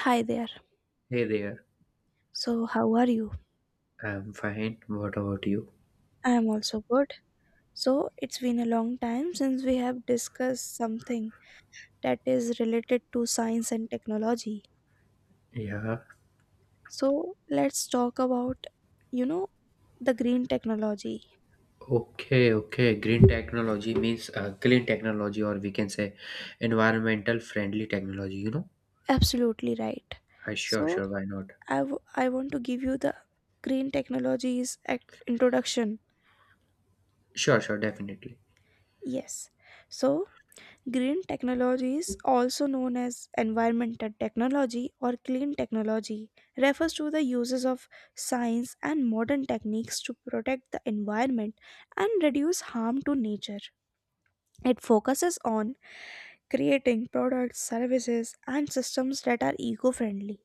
Hi there. Hey there, So, how are you? I'm fine. What about you? I am also good. So, it's been a long time since we have discussed something that is related to science and technology. Yeah, So, let's talk about, you know, the green technology. okay, okay. Green technology means clean technology, or we can say environmental friendly technology? Absolutely right. Sure, So, sure, why not? I want to give you the introduction. Sure, sure, definitely. Yes. So, green technology is also known as environmental technology or clean technology, refers to the uses of science and modern techniques to protect the environment and reduce harm to nature. It focuses on creating products, services, and systems that are eco friendly,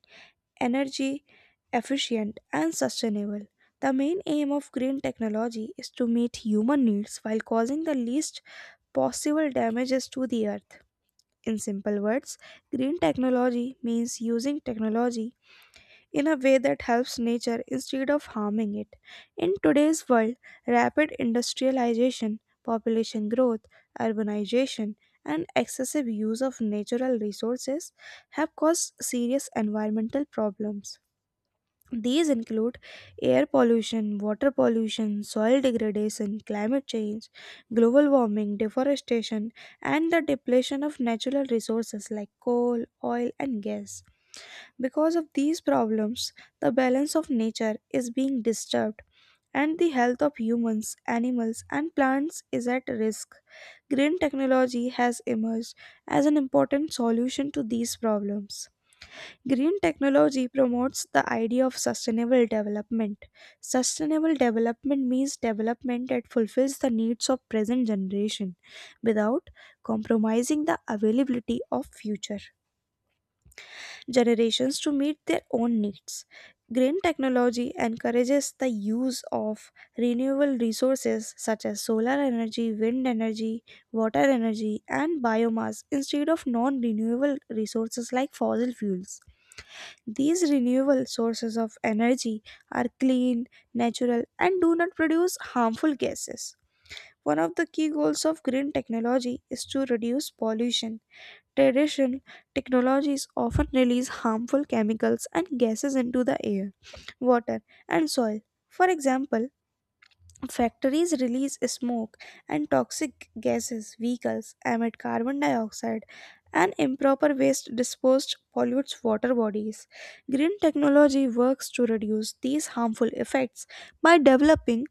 energy efficient, and sustainable. The main aim of green technology is to meet human needs while causing the least possible damages to the earth. In simple words, green technology means using technology in a way that helps nature instead of harming it. In today's world, rapid industrialization, population growth, urbanization, and excessive use of natural resources have caused serious environmental problems. These include air pollution, water pollution, soil degradation, climate change, global warming, deforestation, and the depletion of natural resources like coal, oil, and gas. Because of these problems, the balance of nature is being disturbed. And the health of humans, animals, and plants is at risk. Green technology has emerged as an important solution to these problems. Green technology promotes the idea of sustainable development. Sustainable development means development that fulfills the needs of present generation without compromising the availability of future generations to meet their own needs. Green technology encourages the use of renewable resources such as solar energy, wind energy, water energy, and biomass instead of non renewable resources like fossil fuels. These renewable sources of energy are clean, natural, and do not produce harmful gases. One of the key goals of green technology is to reduce pollution. Traditional technologies often release harmful chemicals and gases into the air, water, and soil. For example, factories release smoke and toxic gases, vehicles emit carbon dioxide, and improper waste disposed pollutes water bodies. Green technology works to reduce these harmful effects by developing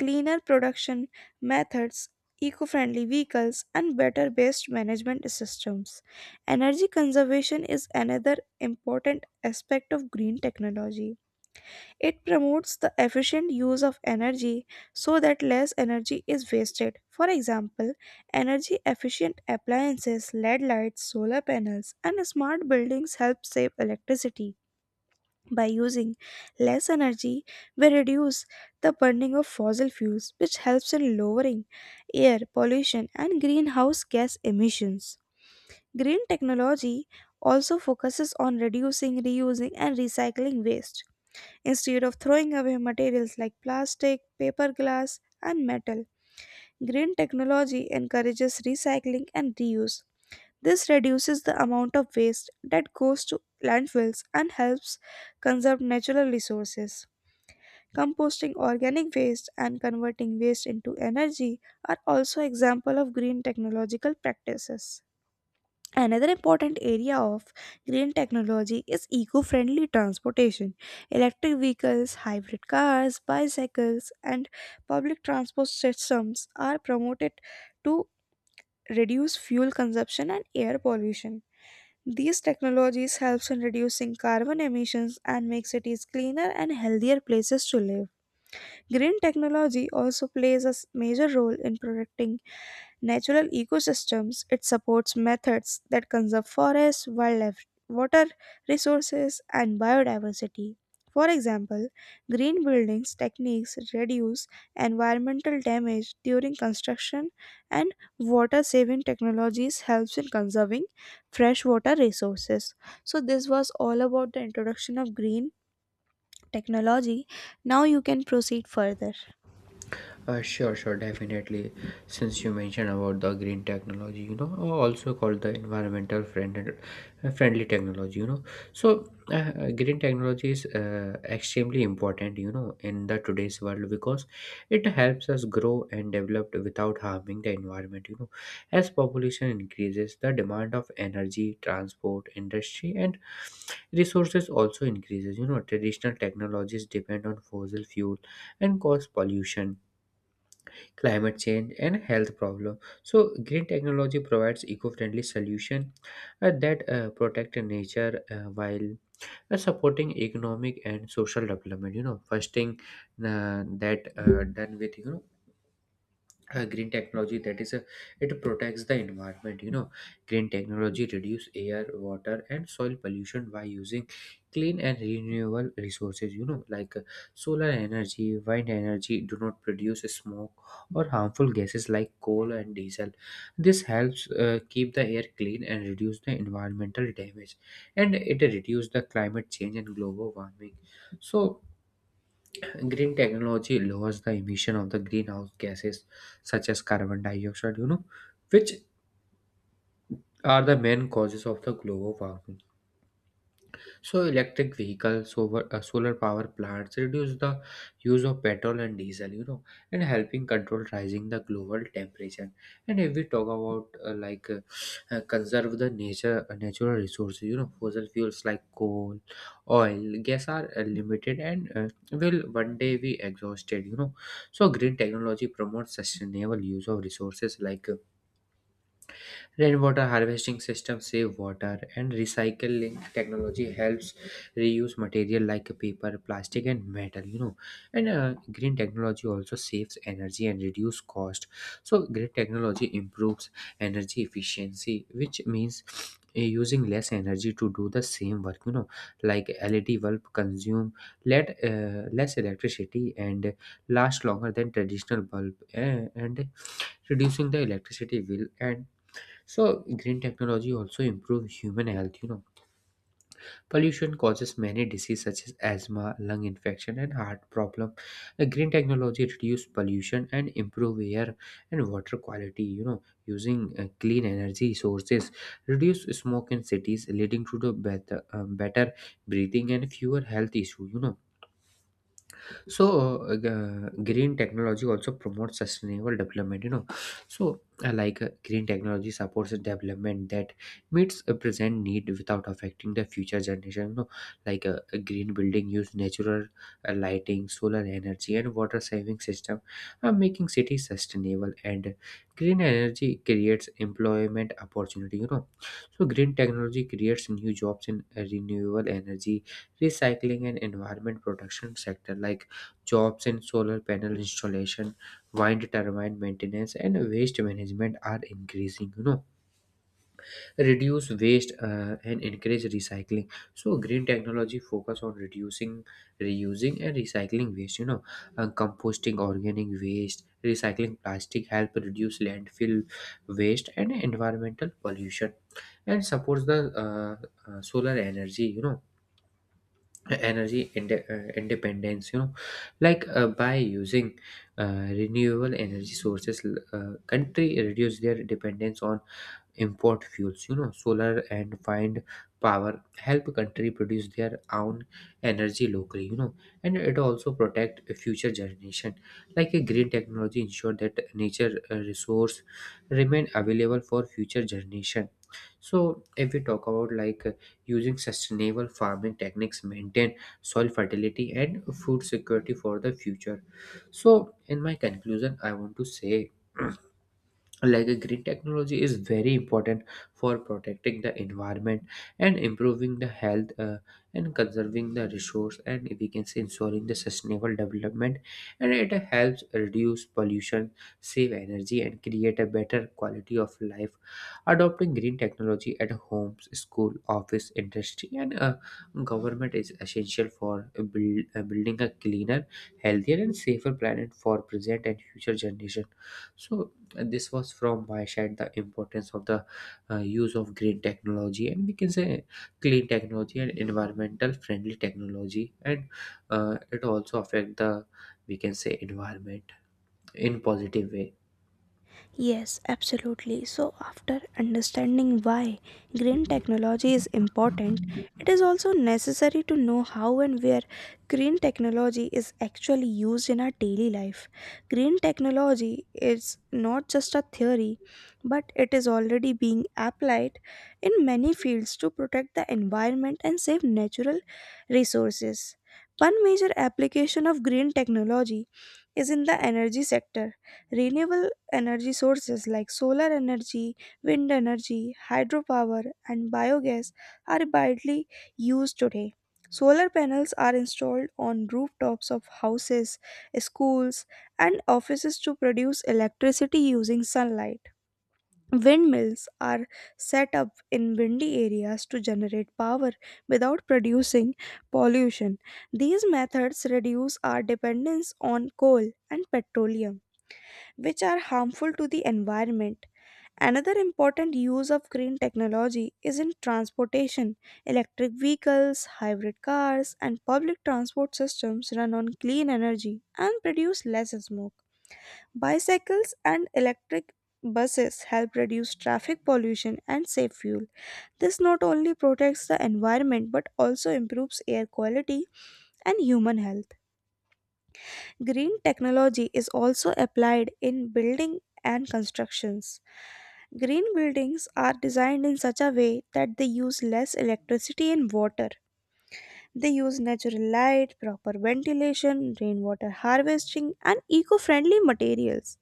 cleaner production methods, eco friendly vehicles, and better waste management systems. Energy conservation is another important aspect of green technology. It promotes the efficient use of energy so that less energy is wasted. For example, energy efficient appliances, LED lights, solar panels, and smart buildings help save electricity. By using less energy, we reduce the burning of fossil fuels, which helps in lowering air pollution and greenhouse gas emissions. Green technology also focuses on reducing, reusing, and recycling waste instead of throwing away materials like plastic, paper glass, and metal. Green technology encourages recycling and reuse. This reduces the amount of waste that goes to landfills and helps conserve natural resources. Composting organic waste and converting waste into energy are also examples of green technological practices. Another important area of green technology is eco friendly transportation. Electric vehicles, hybrid cars, bicycles, and public transport systems are promoted to reduce fuel consumption and air pollution. These technologies helps in reducing carbon emissions and make cities cleaner and healthier places to live. Green technology also plays a major role in protecting natural ecosystems. It supports methods that conserve forests, wildlife, water resources, and biodiversity. For example, green buildings techniques reduce environmental damage during construction and water saving technologies helps in conserving freshwater resources. So this was all about the introduction of green technology. Now you can proceed further. Sure, sure, definitely. Since you mentioned about the green technology, or also called the environmental friendly technology. So, green technology is extremely important, in the today's world because it helps us grow and develop without harming the environment. As population increases, the demand of energy, transport, industry, and resources also increases. You know, traditional technologies depend on fossil fuel and cause pollution, climate change, and health problem. So green technology provides eco-friendly solution that protect nature while supporting economic and social development. First thing that done with green technology, that is, it protects the environment. Green technology reduce air, water, and soil pollution by using clean and renewable resources, you know, like solar energy, wind energy do not produce smoke or harmful gases like coal and diesel. This helps keep the air clean and reduce the environmental damage, and it reduce the climate change and global warming. So green technology lowers the emission of the greenhouse gases such as carbon dioxide, you know, which are the main causes of the global warming. So electric vehicles, solar power plants reduce the use of petrol and diesel, you know, and helping control rising the global temperature. And if we talk about conserve the nature natural resources, you know, fossil fuels like coal, oil, gas are limited and will one day be exhausted, you know. So green technology promotes sustainable use of resources like rainwater harvesting systems save water, and recycling technology helps reuse material like paper, plastic, and metal. You know, and green technology also saves energy and reduce cost. So, green technology improves energy efficiency, which means using less energy to do the same work. You know, like LED bulb consume let less electricity and last longer than traditional bulb, and reducing the electricity bill. And so green technology also improves human health, you know. Pollution causes many diseases such as asthma, lung infection, and heart problem. The green technology reduce pollution and improve air and water quality, you know, using clean energy sources, reduce smoke in cities leading to the better breathing and fewer health issues, you know. So, green technology also promotes sustainable development, you know. So, green technology supports a development that meets a present need without affecting the future generation, you know. Like a green building use natural lighting, solar energy, and water saving system, making cities sustainable. And green energy creates employment opportunity, you know. So, green technology creates new jobs in renewable energy, recycling, and environment protection sector, like jobs in solar panel installation, wind turbine maintenance, and waste management are increasing. You know, reduce waste and encourage recycling. So green technology focus on reducing, reusing, and recycling waste. You know, composting organic waste, recycling plastic help reduce landfill waste and environmental pollution, and supports the solar energy. You know, energy independence, you know. Like by using renewable energy sources, country reduce their dependence on import fuels, you know. Solar and find power help country produce their own energy locally, you know, and it also protect future generation. Like a green technology ensure that nature resource remain available for future generation. So if we talk about using sustainable farming techniques maintain soil fertility and food security for the future. So in my conclusion, I want to say like a green technology is very important for protecting the environment and improving the health, and conserving the resource, and we can say ensuring the sustainable development, and it helps reduce pollution, save energy, and create a better quality of life. Adopting green technology at homes, school, office, industry, and government is essential for building a cleaner, healthier, and safer planet for present and future generation. So this was from my side, the importance of the use of green technology, and we can say clean technology and environmental friendly technology. And it also affect the, we can say, environment in positive way. Yes, absolutely. So, after understanding why green technology is important, it is also necessary to know how and where green technology is actually used in our daily life. Green technology is not just a theory, but it is already being applied in many fields to protect the environment and save natural resources. One major application of green technology is in the energy sector. Renewable energy sources like solar energy, wind energy, hydropower, and biogas are widely used today. Solar panels are installed on rooftops of houses, schools, and offices to produce electricity using sunlight. Windmills are set up in windy areas to generate power without producing pollution. These methods reduce our dependence on coal and petroleum which are harmful to the environment. Another important use of green technology is in transportation. Electric vehicles, hybrid cars, and public transport systems run on clean energy and produce less smoke. Bicycles and electric buses help reduce traffic pollution and save fuel. This not only protects the environment but also improves air quality and human health. Green technology is also applied in building and constructions. Green buildings are designed in such a way that they use less electricity and water. They use natural light, proper ventilation, rainwater harvesting, and eco friendly materials.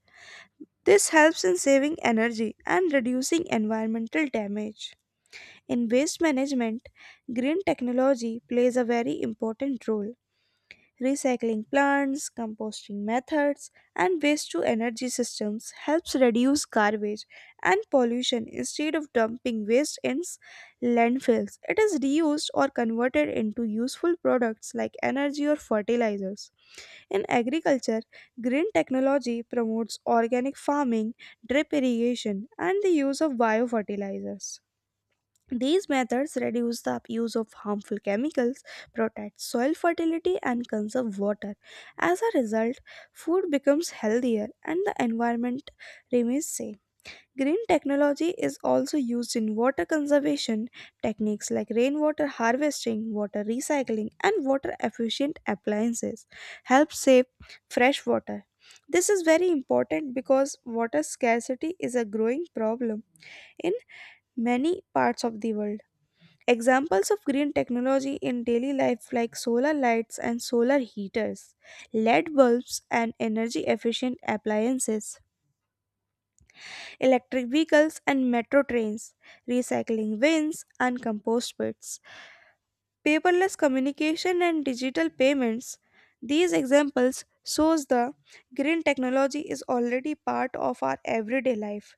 This helps in saving energy and reducing environmental damage. In waste management, green technology plays a very important role. Recycling plants, composting methods, and waste to energy systems helps reduce garbage and pollution. Instead of dumping waste in landfills, it is reused or converted into useful products like energy or fertilizers. In agriculture, green technology promotes organic farming, drip irrigation, and the use of biofertilizers. These methods reduce the use of harmful chemicals, protect soil fertility, and conserve water. As a result, food becomes healthier and the environment remains safe. Green technology is also used in water conservation. Techniques like rainwater harvesting, water recycling, and water efficient appliances help save fresh water. This is very important because water scarcity is a growing problem in many parts of the world. Examples of green technology in daily life like solar lights and solar heaters, LED bulbs and energy efficient appliances, electric vehicles and metro trains, recycling bins and compost pits, paperless communication and digital payments. These examples shows the green technology is already part of our everyday life.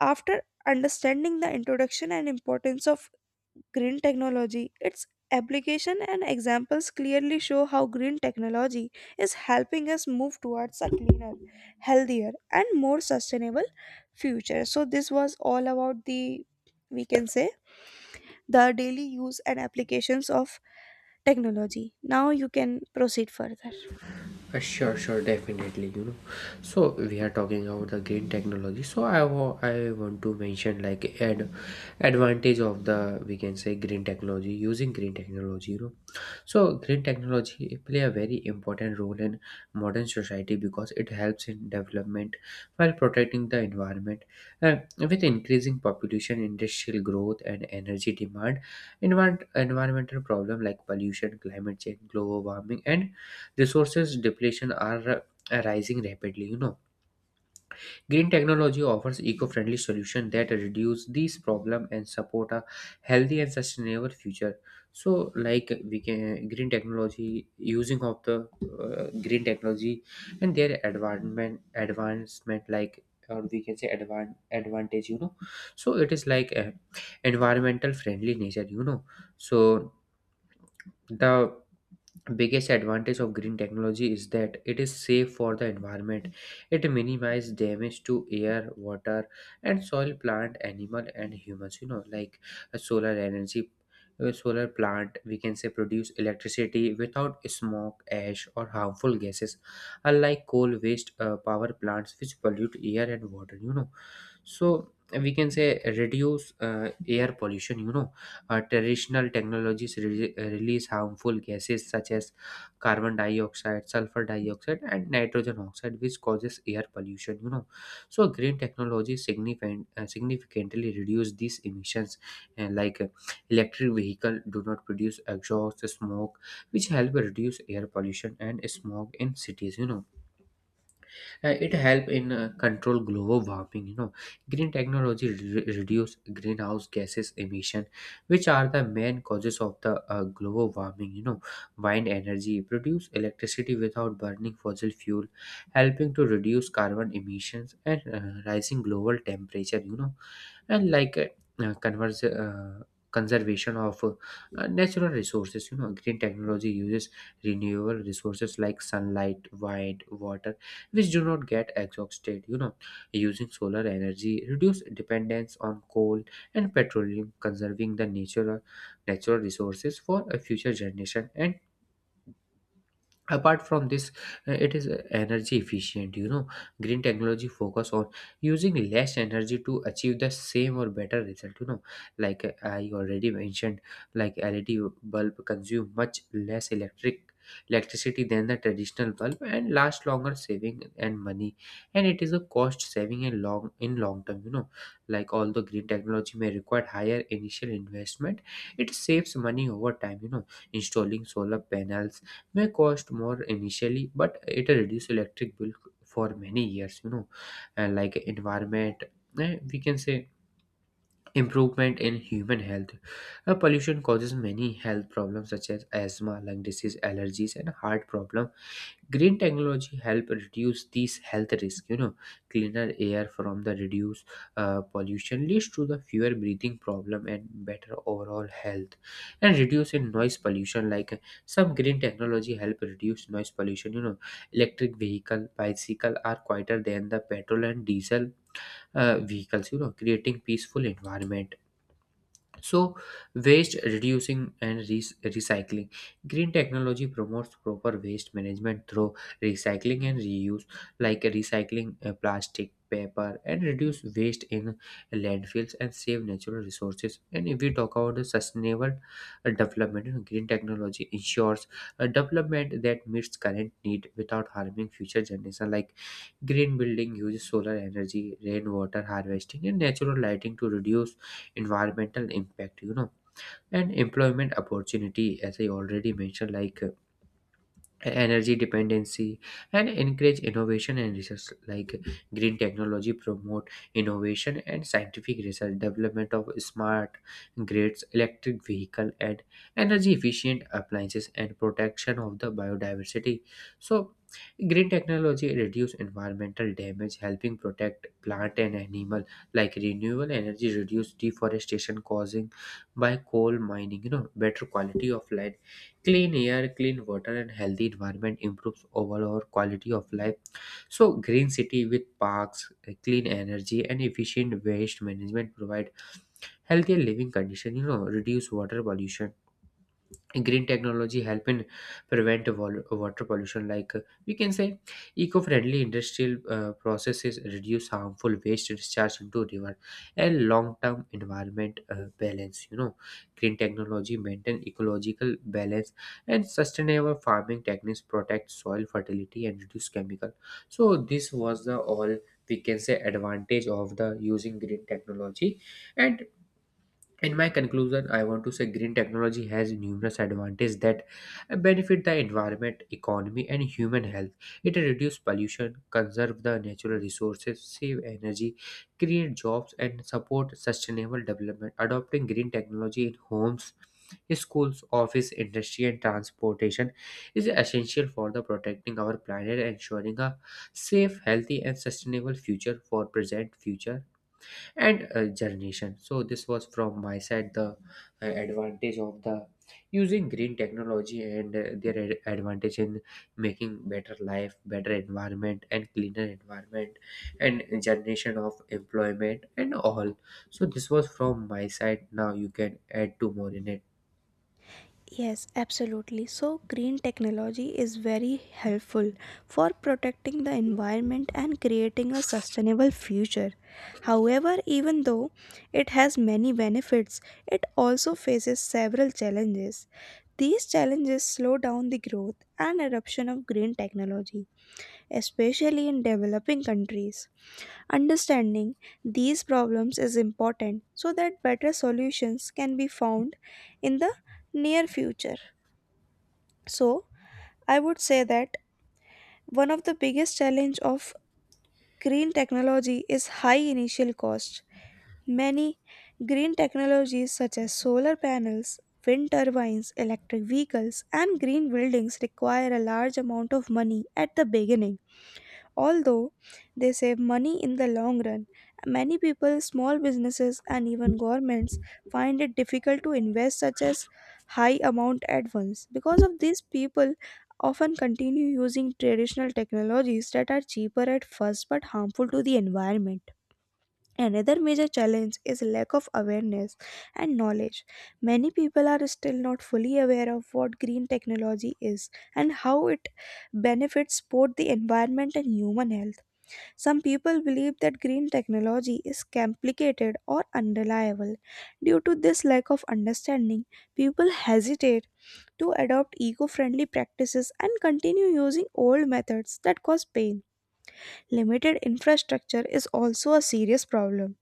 After understanding the introduction and importance of green technology, its application and examples clearly show how green technology is helping us move towards a cleaner, healthier, and more sustainable future. So, this was all about the, we can say, the daily use and applications of technology. Now, you can proceed further. Sure, sure, definitely. You know, so we are talking about the green technology. So I want to mention like ad advantage of the, we can say, green technology, using green technology, you know. So, green technology play a very important role in modern society because it helps in development while protecting the environment. With increasing population, industrial growth, and energy demand, environmental problem like pollution, climate change, global warming, and resources depletion are rising rapidly. You know, green technology offers eco-friendly solutions that reduce these problem and support a healthy and sustainable future. So, like we can green technology using of the green technology, and their advancement, like, or we can say, advantage, you know. So it is like a environmental friendly nature, you know. So the biggest advantage of green technology is that it is safe for the environment. It minimizes damage to air, water, and soil, plant, animal, and humans, you know. Like a solar energy, a solar plant, we can say, produce electricity without smoke, ash, or harmful gases, unlike coal waste power plants which pollute air and water, you know. So we can say reduce air pollution. You know, traditional technologies release harmful gases such as carbon dioxide, sulfur dioxide, and nitrogen oxide, which causes air pollution. You know, so green technology significantly reduce these emissions, and electric vehicle do not produce exhaust smoke, which help reduce air pollution and smog in cities. You know, it help in control global warming, you know. Green technology reduce greenhouse gases emission, which are the main causes of the global warming, you know. Wind energy produce electricity without burning fossil fuel, helping to reduce carbon emissions and rising global temperature, you know. And uh, converse, uh, conservation of natural resources, you know. Green technology uses renewable resources like sunlight, wind, water, which do not get exhausted, you know. Using solar energy reduce dependence on coal and petroleum, conserving the nature, natural resources for a future generation. And apart from this, it is energy efficient, you know. Green technology focus on using less energy to achieve the same or better result, you know. Like I already mentioned, like LED bulb consume much less electricity than the traditional bulb and last longer, saving and money. And it is a cost saving in long term, you know. Like although green technology may require higher initial investment, it saves money over time, you know. Installing solar panels may cost more initially, but it reduces electric bill for many years, you know. And like environment, we can say, improvement in human health. Pollution causes many health problems such as asthma, lung disease, allergies, and heart problems. Green technology help reduce these health risks, you know. Cleaner air from the reduced pollution leads to the fewer breathing problem and better overall health. And reduce in noise pollution, like some green technology help reduce noise pollution, you know. Electric vehicle, bicycle are quieter than the petrol and diesel vehicles, you know, creating peaceful environment. So, waste reducing and recycling. Green technology promotes proper waste management through recycling and reuse, like recycling plastic, paper, and reduce waste in landfills and save natural resources. And if we talk about the sustainable development, you know, green technology ensures a development that meets current need without harming future generation. Like green building uses solar energy, rainwater harvesting, and natural lighting to reduce environmental impact. And employment opportunity as I already mentioned, like energy dependency and encourage innovation and research. Like green technology promote innovation and scientific research, development of smart grids, electric vehicle, and energy efficient appliances, and protection of the biodiversity. So green technology reduce environmental damage, helping protect plant and animal, like renewable energy reduce deforestation causing by coal mining. Better quality of life, clean air, clean water, and healthy environment improves overall quality of life. So green city with parks, clean energy and efficient waste management provide healthier living condition. Reduce water pollution. Green technology help in prevent water pollution, like we can say eco-friendly industrial processes reduce harmful waste discharge into river, and long-term environment balance. Green technology maintain ecological balance, and sustainable farming techniques protect soil fertility and reduce chemical. So this was the all, we can say, advantage of the using green technology. And in my conclusion I want to say green technology has numerous advantages that benefit the environment, economy, and human health. It reduces pollution, conserve the natural resources, save energy, create jobs, and support sustainable development. Adopting green technology in homes, schools, office, industry, and transportation is essential for the protecting our planet and ensuring a safe, healthy, and sustainable future for present future and generation. So this was from my side, the advantage of the using green technology, and their advantage in making better life, better environment, and cleaner environment, and generation of employment and all. So this was from my side. Now you can add two more in it. Yes, absolutely. So, green technology is very helpful for protecting the environment and creating a sustainable future. However, even though it has many benefits, it also faces several challenges. These challenges slow down the growth and adoption of green technology, especially in developing countries. Understanding these problems is important so that better solutions can be found in the near future. So, I would say that one of the biggest challenge of green technology is high initial cost. Many green technologies such as solar panels, wind turbines, electric vehicles, and green buildings require a large amount of money at the beginning. Although they save money in the long run, many people, small businesses, and even governments find it difficult to invest such as high amount at once. Because of this, people often continue using traditional technologies that are cheaper at first but harmful to the environment. Another major challenge is lack of awareness and knowledge. Many people are still not fully aware of what green technology is and how it benefits both the environment and human health. Some people believe that green technology is complicated or unreliable. Due to this lack of understanding, people hesitate to adopt eco friendly practices and continue using old methods that cause pain. Limited infrastructure is also a serious problem.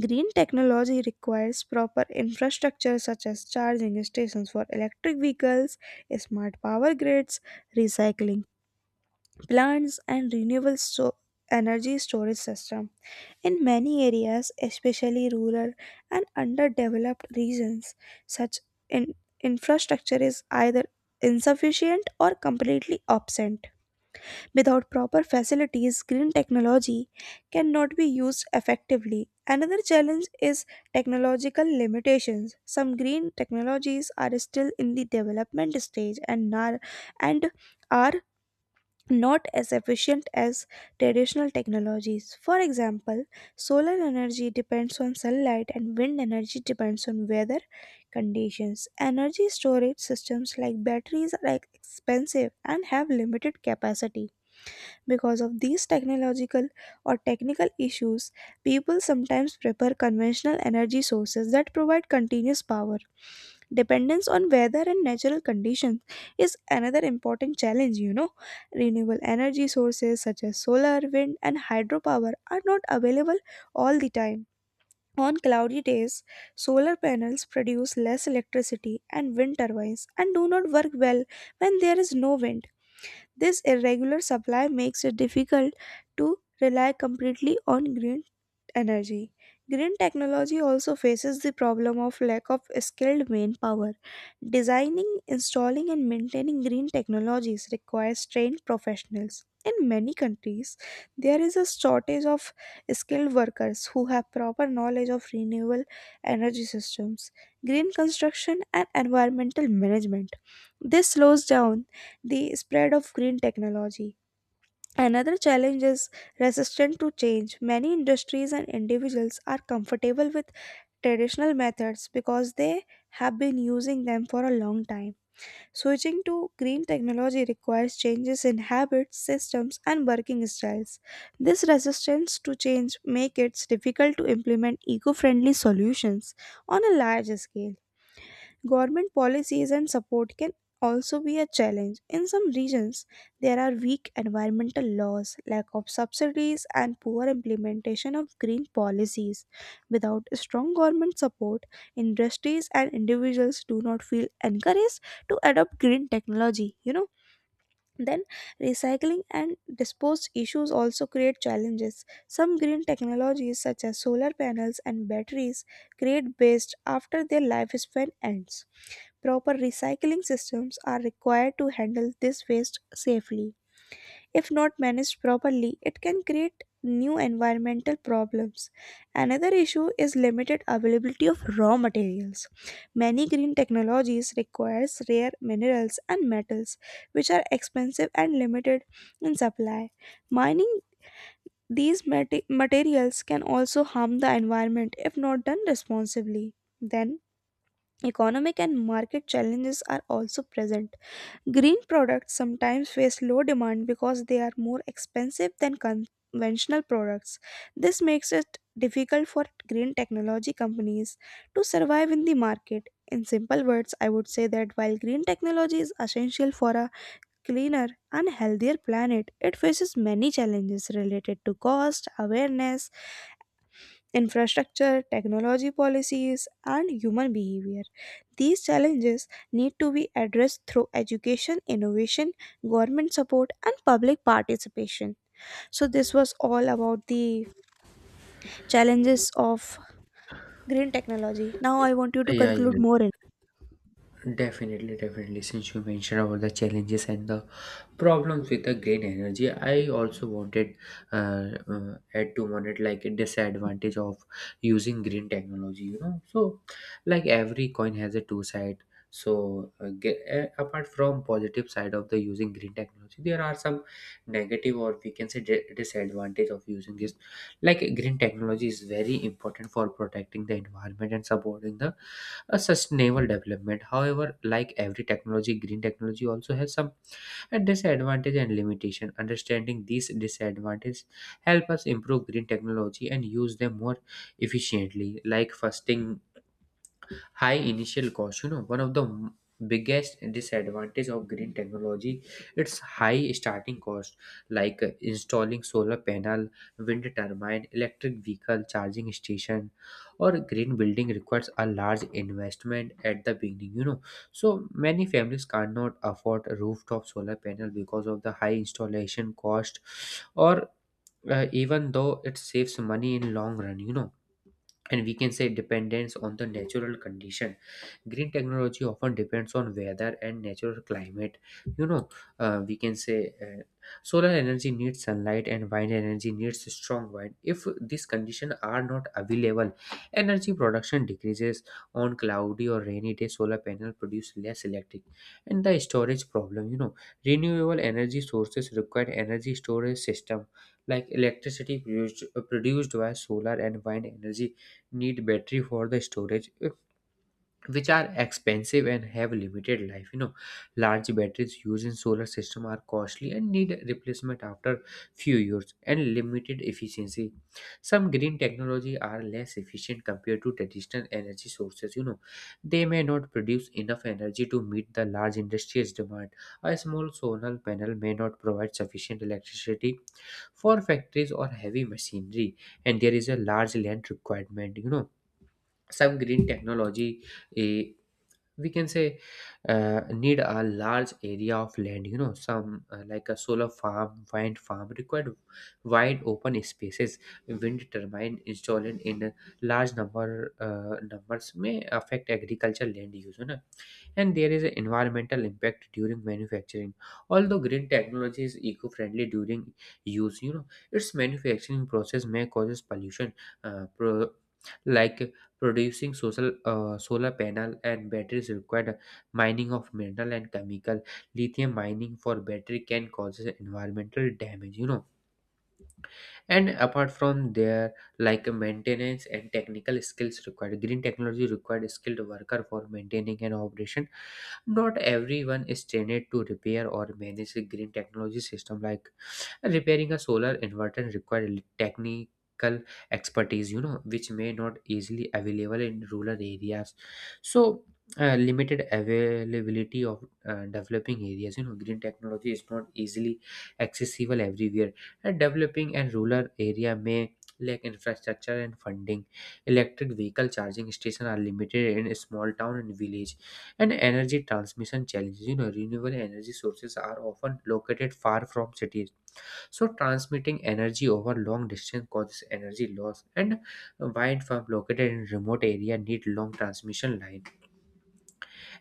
Green technology requires proper infrastructure such as charging stations for electric vehicles, smart power grids, recycling plants and renewable energy storage system. In many areas, especially rural and underdeveloped regions, such in- infrastructure is either insufficient or completely absent. Without proper facilities, green technology cannot be used effectively. Another challenge is technological limitations. Some green technologies are still in the development stage and are not as efficient as traditional technologies. For example, solar energy depends on sunlight and wind energy depends on weather conditions. Energy storage systems like batteries are expensive and have limited capacity. Because of these technological or technical issues, people sometimes prefer conventional energy sources that provide continuous power. Dependence on weather and natural conditions is another important challenge. Renewable energy sources such as solar, wind, and hydropower are not available all the time. On cloudy days, solar panels produce less electricity and wind turbines and do not work well when there is no wind. This irregular supply makes it difficult to rely completely on green energy. Green technology also faces the problem of lack of skilled manpower. Designing, installing, and maintaining green technologies requires trained professionals. In many countries, there is a shortage of skilled workers who have proper knowledge of renewable energy systems, green construction, and environmental management. This slows down the spread of green technology. Another challenge is resistance to change. Many industries and individuals are comfortable with traditional methods because they have been using them for a long time. Switching to green technology requires changes in habits, systems, and working styles. This resistance to change makes it difficult to implement eco-friendly solutions on a large scale. Government policies and support can also be a challenge. In some regions, there are weak environmental laws, lack of subsidies, and poor implementation of green policies. Without strong government support, industries and individuals do not feel encouraged to adopt green technology. Then, recycling and disposed issues also create challenges. Some green technologies, such as solar panels and batteries, create waste after their lifespan ends. Proper recycling systems are required to handle this waste safely. If not managed properly, it can create new environmental problems. Another issue is limited availability of raw materials. Many green technologies requires rare minerals and metals which are expensive and limited in supply. Mining these materials can also harm the environment if not done responsibly. Then economic and market challenges are also present. Green products sometimes face low demand because they are more expensive than conventional products. This makes it difficult for green technology companies to survive in the market. In simple words, I would say that while green technology is essential for a cleaner and healthier planet, it faces many challenges related to cost, awareness, infrastructure, technology policies, and human behavior. These challenges need to be addressed through education, innovation, government support, and public participation. So, this was all about the challenges of green technology. Now, I want you to Yeah, yeah. conclude more in Definitely, definitely. Since you mentioned about the challenges and the problems with the green energy, I also wanted add to on it like a disadvantage of using green technology. You know, so like every coin has a two side. So apart from positive side of the using green technology, there are some negative, or we can say disadvantage of using this. Like green technology is very important for protecting the environment and supporting the a sustainable development. However, like every technology, green technology also has some disadvantage and limitation. Understanding these disadvantages help us improve green technology and use them more efficiently. Like fasting high initial cost, you know, one of the biggest disadvantage of green technology, it's high starting cost, like installing solar panel, wind turbine, electric vehicle charging station, or green building requires a large investment at the beginning, you know. So many families cannot afford a rooftop solar panel because of the high installation cost, or even though it saves money in long run, you know. And we can say dependence on the natural condition, green technology often depends on weather and natural climate, you know. We can say, solar energy needs sunlight and wind energy needs strong wind. If these conditions are not available, energy production decreases. On cloudy or rainy day, solar panel produce less electric. And the storage problem, you know, renewable energy sources require energy storage system, like electricity produced by solar and wind energy need battery for the storage, which are expensive and have limited life, you know. Large batteries used in solar system are costly and need replacement after few years. And limited efficiency, some green technology are less efficient compared to traditional energy sources, you know. They may not produce enough energy to meet the large industries demand. A small solar panel may not provide sufficient electricity for factories or heavy machinery. And there is a large land requirement, you know, some green technology, eh, we can say, need a large area of land, you know. Some, like a solar farm, wind farm required wide open spaces. Wind turbine installed in large numbers may affect agriculture land use, you know. And there is an environmental impact during manufacturing. Although green technology is eco-friendly during use, you know, its manufacturing process may causes pollution. uh, pro- like producing social solar panel and batteries required mining of mineral and chemical. Lithium mining for battery can cause environmental damage, you know. And apart from there, like maintenance and technical skills required, green technology required skilled worker for maintaining an operation. Not everyone is trained to repair or manage a green technology system, like repairing a solar inverter required technical expertise, you know, which may not easily available in rural areas. So limited availability of developing areas, you know, green technology is not easily accessible everywhere. And developing and rural area may lack infrastructure and funding. Electric vehicle charging stations are limited in a small town and village. And energy transmission challenges, you know, renewable energy sources are often located far from cities, so transmitting energy over long distance causes energy loss. And wind farm located in remote area need long transmission line.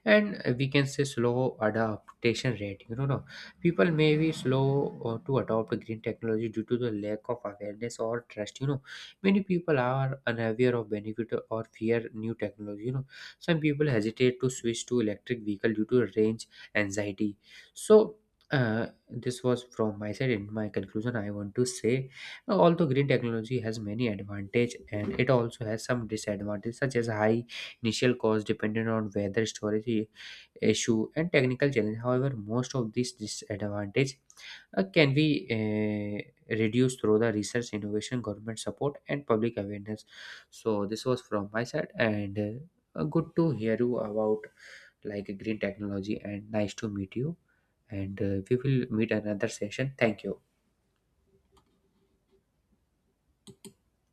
And we can say slow adaptation rate, you know, no? People may be slow to adopt green technology due to the lack of awareness or trust, you know. Many people are unaware of benefit or fear new technology, you know. Some people hesitate to switch to electric vehicle due to range anxiety. So this was from my side. In my conclusion I want to say although green technology has many advantage, and it also has some disadvantages such as high initial costs, depended on weather, storage issue, and technical challenge. However, most of these disadvantages can be reduced through the research, innovation, government support, and public awareness. So this was from my side, and good to hear you about like green technology, and nice to meet you. And we will meet another session. Thank you.